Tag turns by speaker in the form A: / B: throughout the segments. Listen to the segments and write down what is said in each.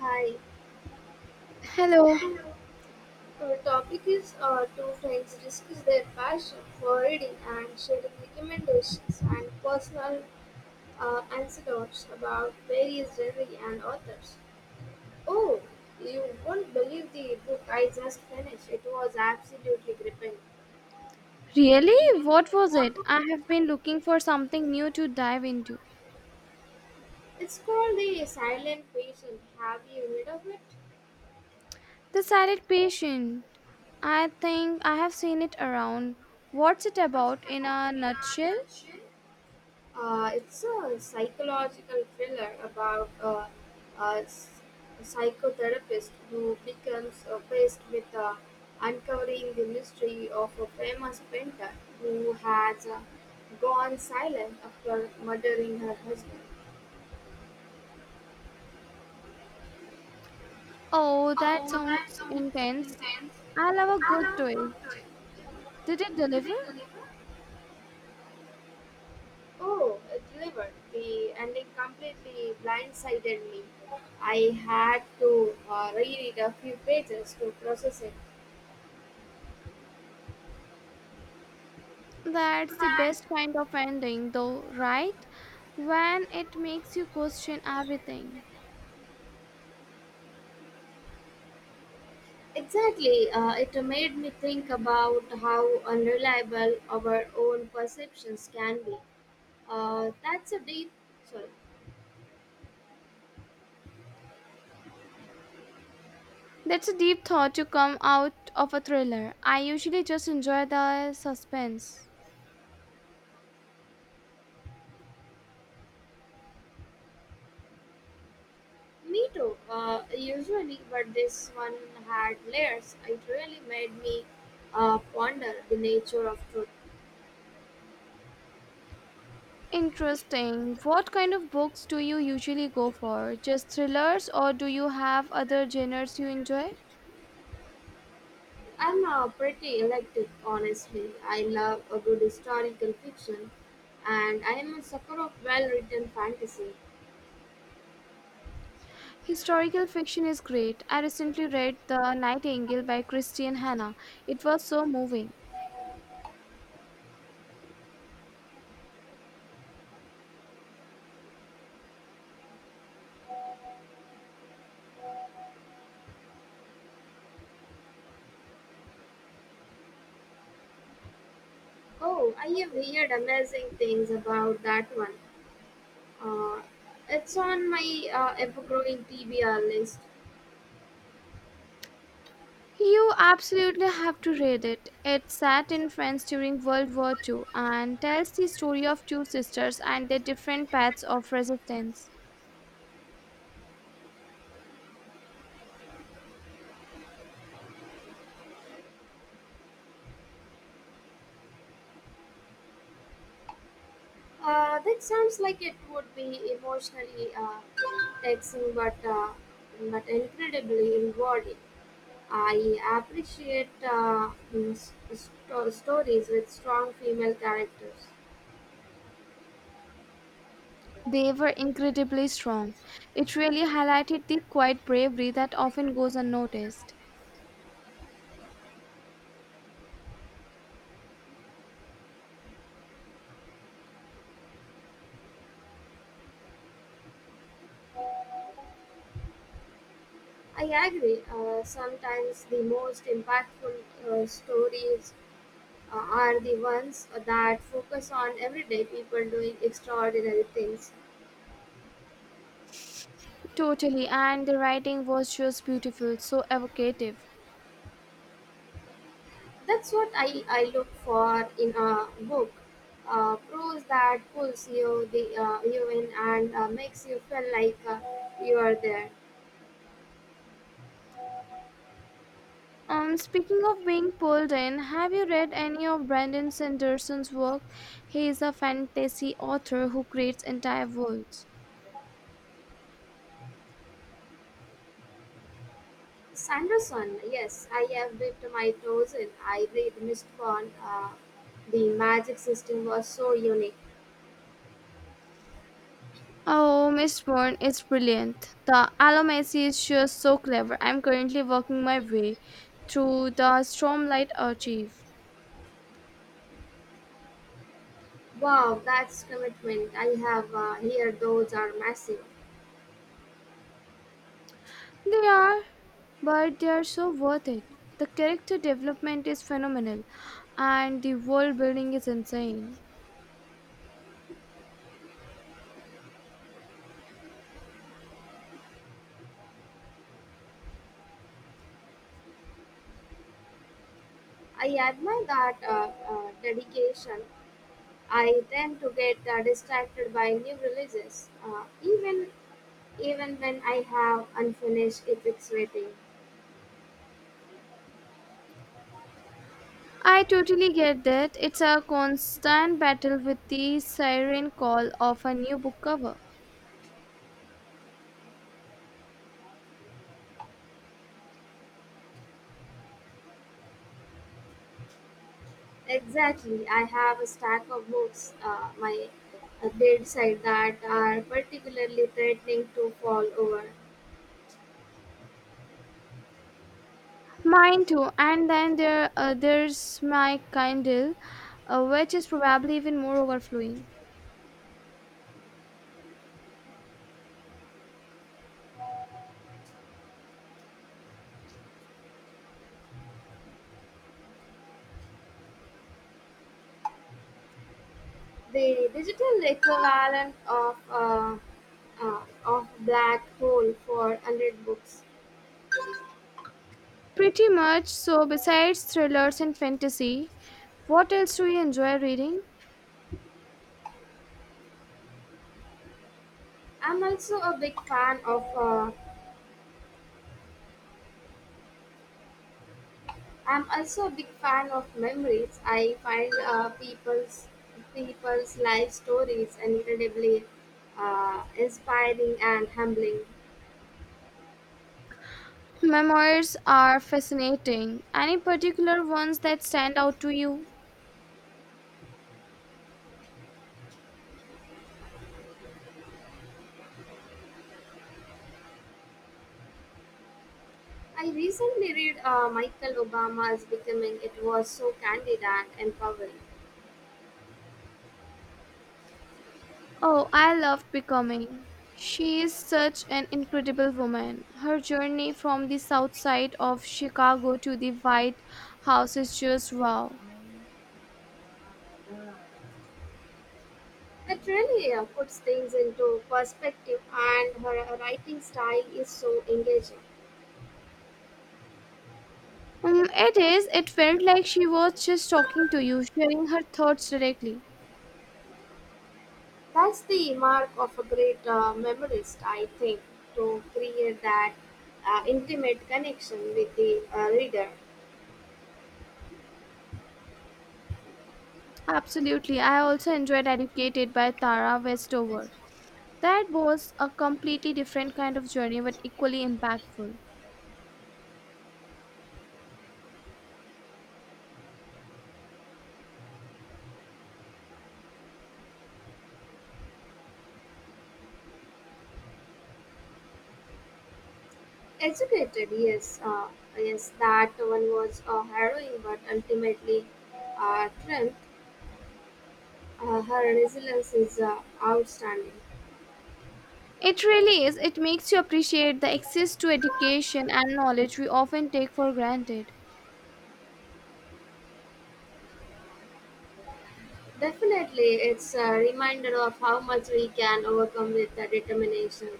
A: Hi.
B: Hello.
A: Hello. Our topic is two friends discuss their passion for reading and sharing recommendations and personal anecdotes about various genres and authors. Oh, you won't believe the book I just finished. It was absolutely gripping.
B: Really? What was it? I have been looking for something new to dive into.
A: It's called The Silent Patient. Have you read of it?
B: The Silent Patient. I think I have seen it around. What's it about in a nutshell?
A: It's a psychological thriller about a s- a psychotherapist who becomes obsessed with uncovering the mystery of a famous painter who has gone silent after murdering her husband.
B: Oh, that sounds intense. I love a good twist. Did it deliver?
A: Oh, it delivered. The ending completely blindsided me. I had to reread a few pages to process it.
B: That's the best kind of ending, though, right? When it makes you question everything.
A: Exactly. It made me think about how unreliable our own perceptions can be. That's a deep. Sorry.
B: That's a deep thought to come out of a thriller. I usually just enjoy the suspense.
A: Me too. Usually, but this one had layers. It really made me ponder the nature of truth.
B: Interesting. What kind of books do you usually go for? Just thrillers, or do you have other genres you enjoy?
A: I'm pretty electric, honestly. I love a good historical fiction, and I am a sucker of well-written fantasy.
B: Historical fiction is great. I recently read The Nightingale by Christian Hannah. It was so moving.
A: Oh, I have heard amazing things about that one. Uh, it's on my ever-growing TBR list.
B: You absolutely have to read it. It set in France during World War Two and tells the story of two sisters and their different paths of resistance.
A: That sounds like it would be emotionally taxing, but incredibly rewarding. I appreciate stories with strong female characters.
B: They were incredibly strong. It really highlighted the quiet bravery that often goes unnoticed.
A: I agree. Sometimes the most impactful stories are the ones that focus on everyday people doing extraordinary things.
B: Totally, and the writing was just beautiful, so evocative.
A: That's what I look for in a book. Prose that pulls you the you in and makes you feel like you are there.
B: Speaking of being pulled in, have you read any of Brandon Sanderson's work? He is a fantasy author who creates entire worlds.
A: Sanderson, yes, I have dipped my toes in. I read Mistborn. The magic system was so unique.
B: Oh, Miss Bourne is brilliant. The Alamacy is just so clever. I'm currently working my way through the Stormlight Archive.
A: Wow, that's commitment. I have here; those are massive.
B: They are, but they are so worth it. The character development is phenomenal, and the world building is insane.
A: I admire that dedication. I tend to get distracted by new releases, even when I have unfinished epics waiting.
B: I totally get that. It's a constant battle with the siren call of a new book cover.
A: Exactly, I have a stack of books my bedside that are particularly threatening to fall over.
B: Mine too. And then there's my Kindle, which is probably even more overflowing.
A: The digital equivalent of black hole for 100 books.
B: Pretty much. So besides thrillers and fantasy, what else do you enjoy reading?
A: I'm also a big fan of uh, I'm also a big fan of memories. I find people's life stories incredibly inspiring and humbling.
B: Memoirs are fascinating. Any particular ones that stand out to you?
A: I recently read Michael Obama's Becoming. It was so candid and empowering.
B: Oh, I loved Becoming. She is such an incredible woman. Her journey from the south side of Chicago to the White House is just wow.
A: It really puts things into perspective, and her writing style is so engaging.
B: It is. It felt like she was just talking to you, sharing her thoughts directly.
A: That's the mark of a great memoirist, I think, to create that intimate connection with the reader.
B: Absolutely. I also enjoyed Educated by Tara Westover. That was a completely different kind of journey, but equally impactful.
A: Educated, yes, that one was harrowing, but ultimately, Trent, her resilience is outstanding.
B: It really is. It makes you appreciate the access to education and knowledge we often take for granted.
A: Definitely, it's a reminder of how much we can overcome with determination.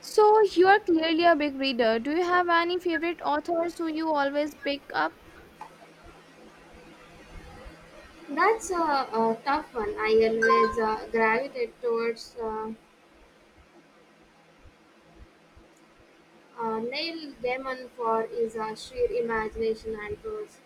B: So you are clearly a big reader. Do you have any favorite authors who you always pick up?
A: That's a tough one. I always gravitate towards. Neil Gaiman for his sheer imagination and prose.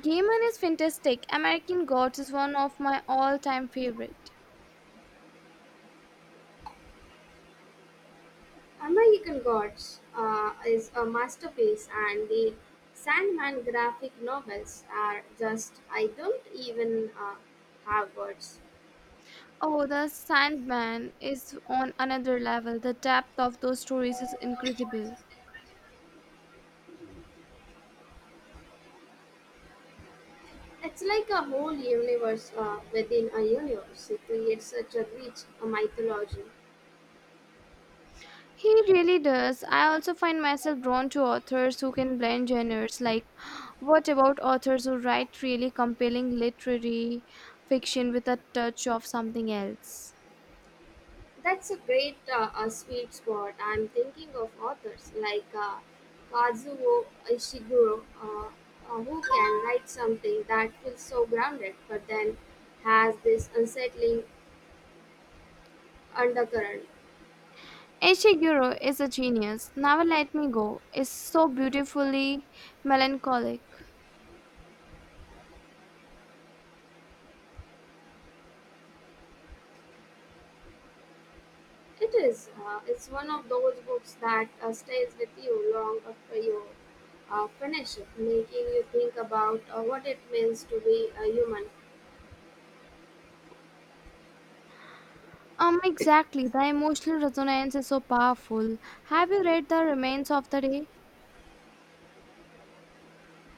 B: Gaiman is fantastic. American Gods is one of my all-time favorite.
A: "American Gods" is a masterpiece, and the Sandman graphic novels are just, I don't even have words.
B: Oh, The Sandman is on another level. The depth of those stories is incredible.
A: It's like a whole universe within a universe. It creates such a rich mythology.
B: He really does. I also find myself drawn to authors who can blend genres. Like, what about authors who write really compelling literary fiction with a touch of something else?
A: That's a great a sweet spot. I'm thinking of authors like Kazuo Ishiguro, who can write something that feels so grounded, but then has this unsettling undercurrent.
B: Ishiguro is a genius. Never Let Me Go is so beautifully melancholic.
A: It is. It's one of those books that stays with you long after you finish it, making you think about what it means to be a human.
B: Exactly. The emotional resonance is so powerful. Have you read The Remains of the Day?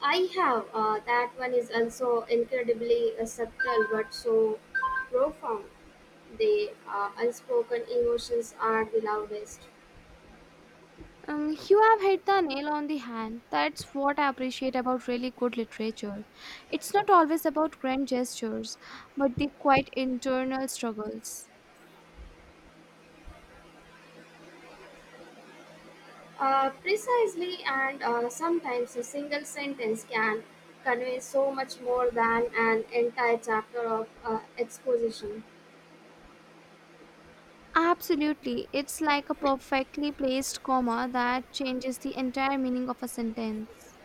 A: I have. That one is also incredibly subtle but so profound. The unspoken emotions are the loudest.
B: You have hit the nail on the hand. That's what I appreciate about really good literature. It's not always about grand gestures, but the quiet internal struggles.
A: Precisely, and sometimes a single sentence can convey so much more than an entire chapter of exposition.
B: Absolutely. It's like a perfectly placed comma that changes the entire meaning of a sentence.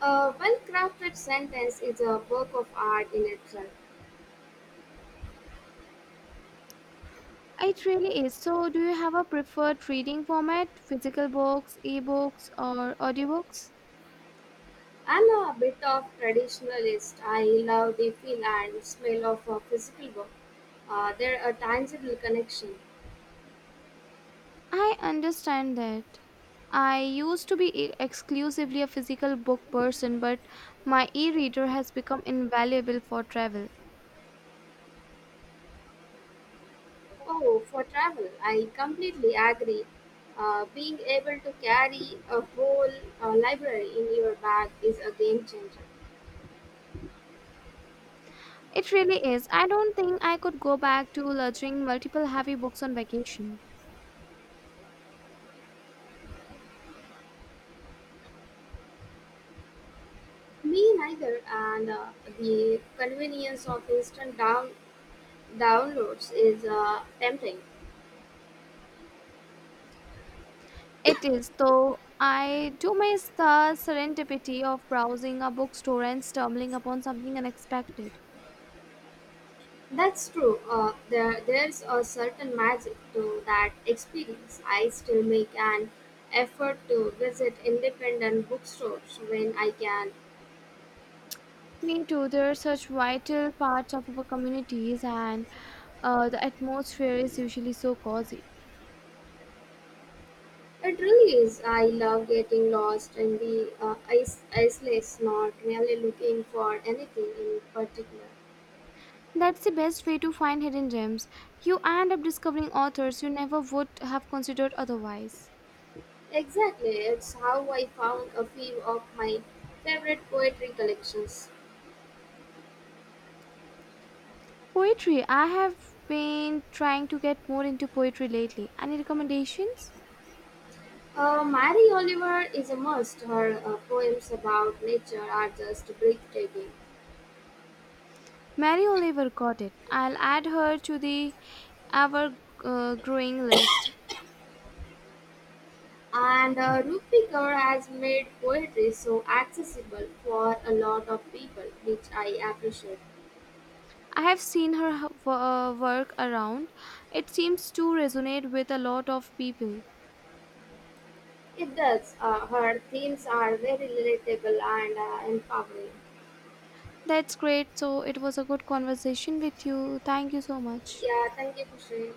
A: A well crafted sentence is a work of art in itself.
B: It really is. So, do you have a preferred reading format, physical books, ebooks, or audiobooks?
A: I'm a bit of traditionalist. I love the feel and smell of a physical work. There a tangible connection.
B: I understand that. I used to be exclusively a physical book person, but my e reader has become invaluable for travel.
A: Oh, for travel, I completely agree. Being able to carry a whole library in your bag is a game changer.
B: It really is. I don't think I could go back to lugging multiple heavy books on vacation.
A: Me neither, and the convenience of instant downloads is tempting.
B: It is, though I do miss the serendipity of browsing a bookstore and stumbling upon something unexpected.
A: That's true. There's a certain magic to that experience. I still make an effort to visit independent bookstores when I can.
B: Me too. They're such vital parts of our communities, and the atmosphere is usually so cozy.
A: It really is. I love getting lost in the isolates, not really looking for anything in particular.
B: That's the best way to find hidden gems. You end up discovering authors you never would have considered otherwise.
A: Exactly. It's how I found a few of my favorite poetry collections.
B: Poetry. I have been trying to get more into poetry lately. Any recommendations?
A: Mary Oliver is a must. Her poems about nature are just breathtaking.
B: Mary Oliver got it. I'll add her to the ever growing list.
A: And Rupi Kaur has made poetry so accessible for a lot of people, which I appreciate.
B: I have seen her work around. It seems to resonate with a lot of people.
A: It does. Her themes are very relatable and empowering.
B: That's great. So it was a good conversation with you. Thank you so much.
A: Yeah, thank you for sharing.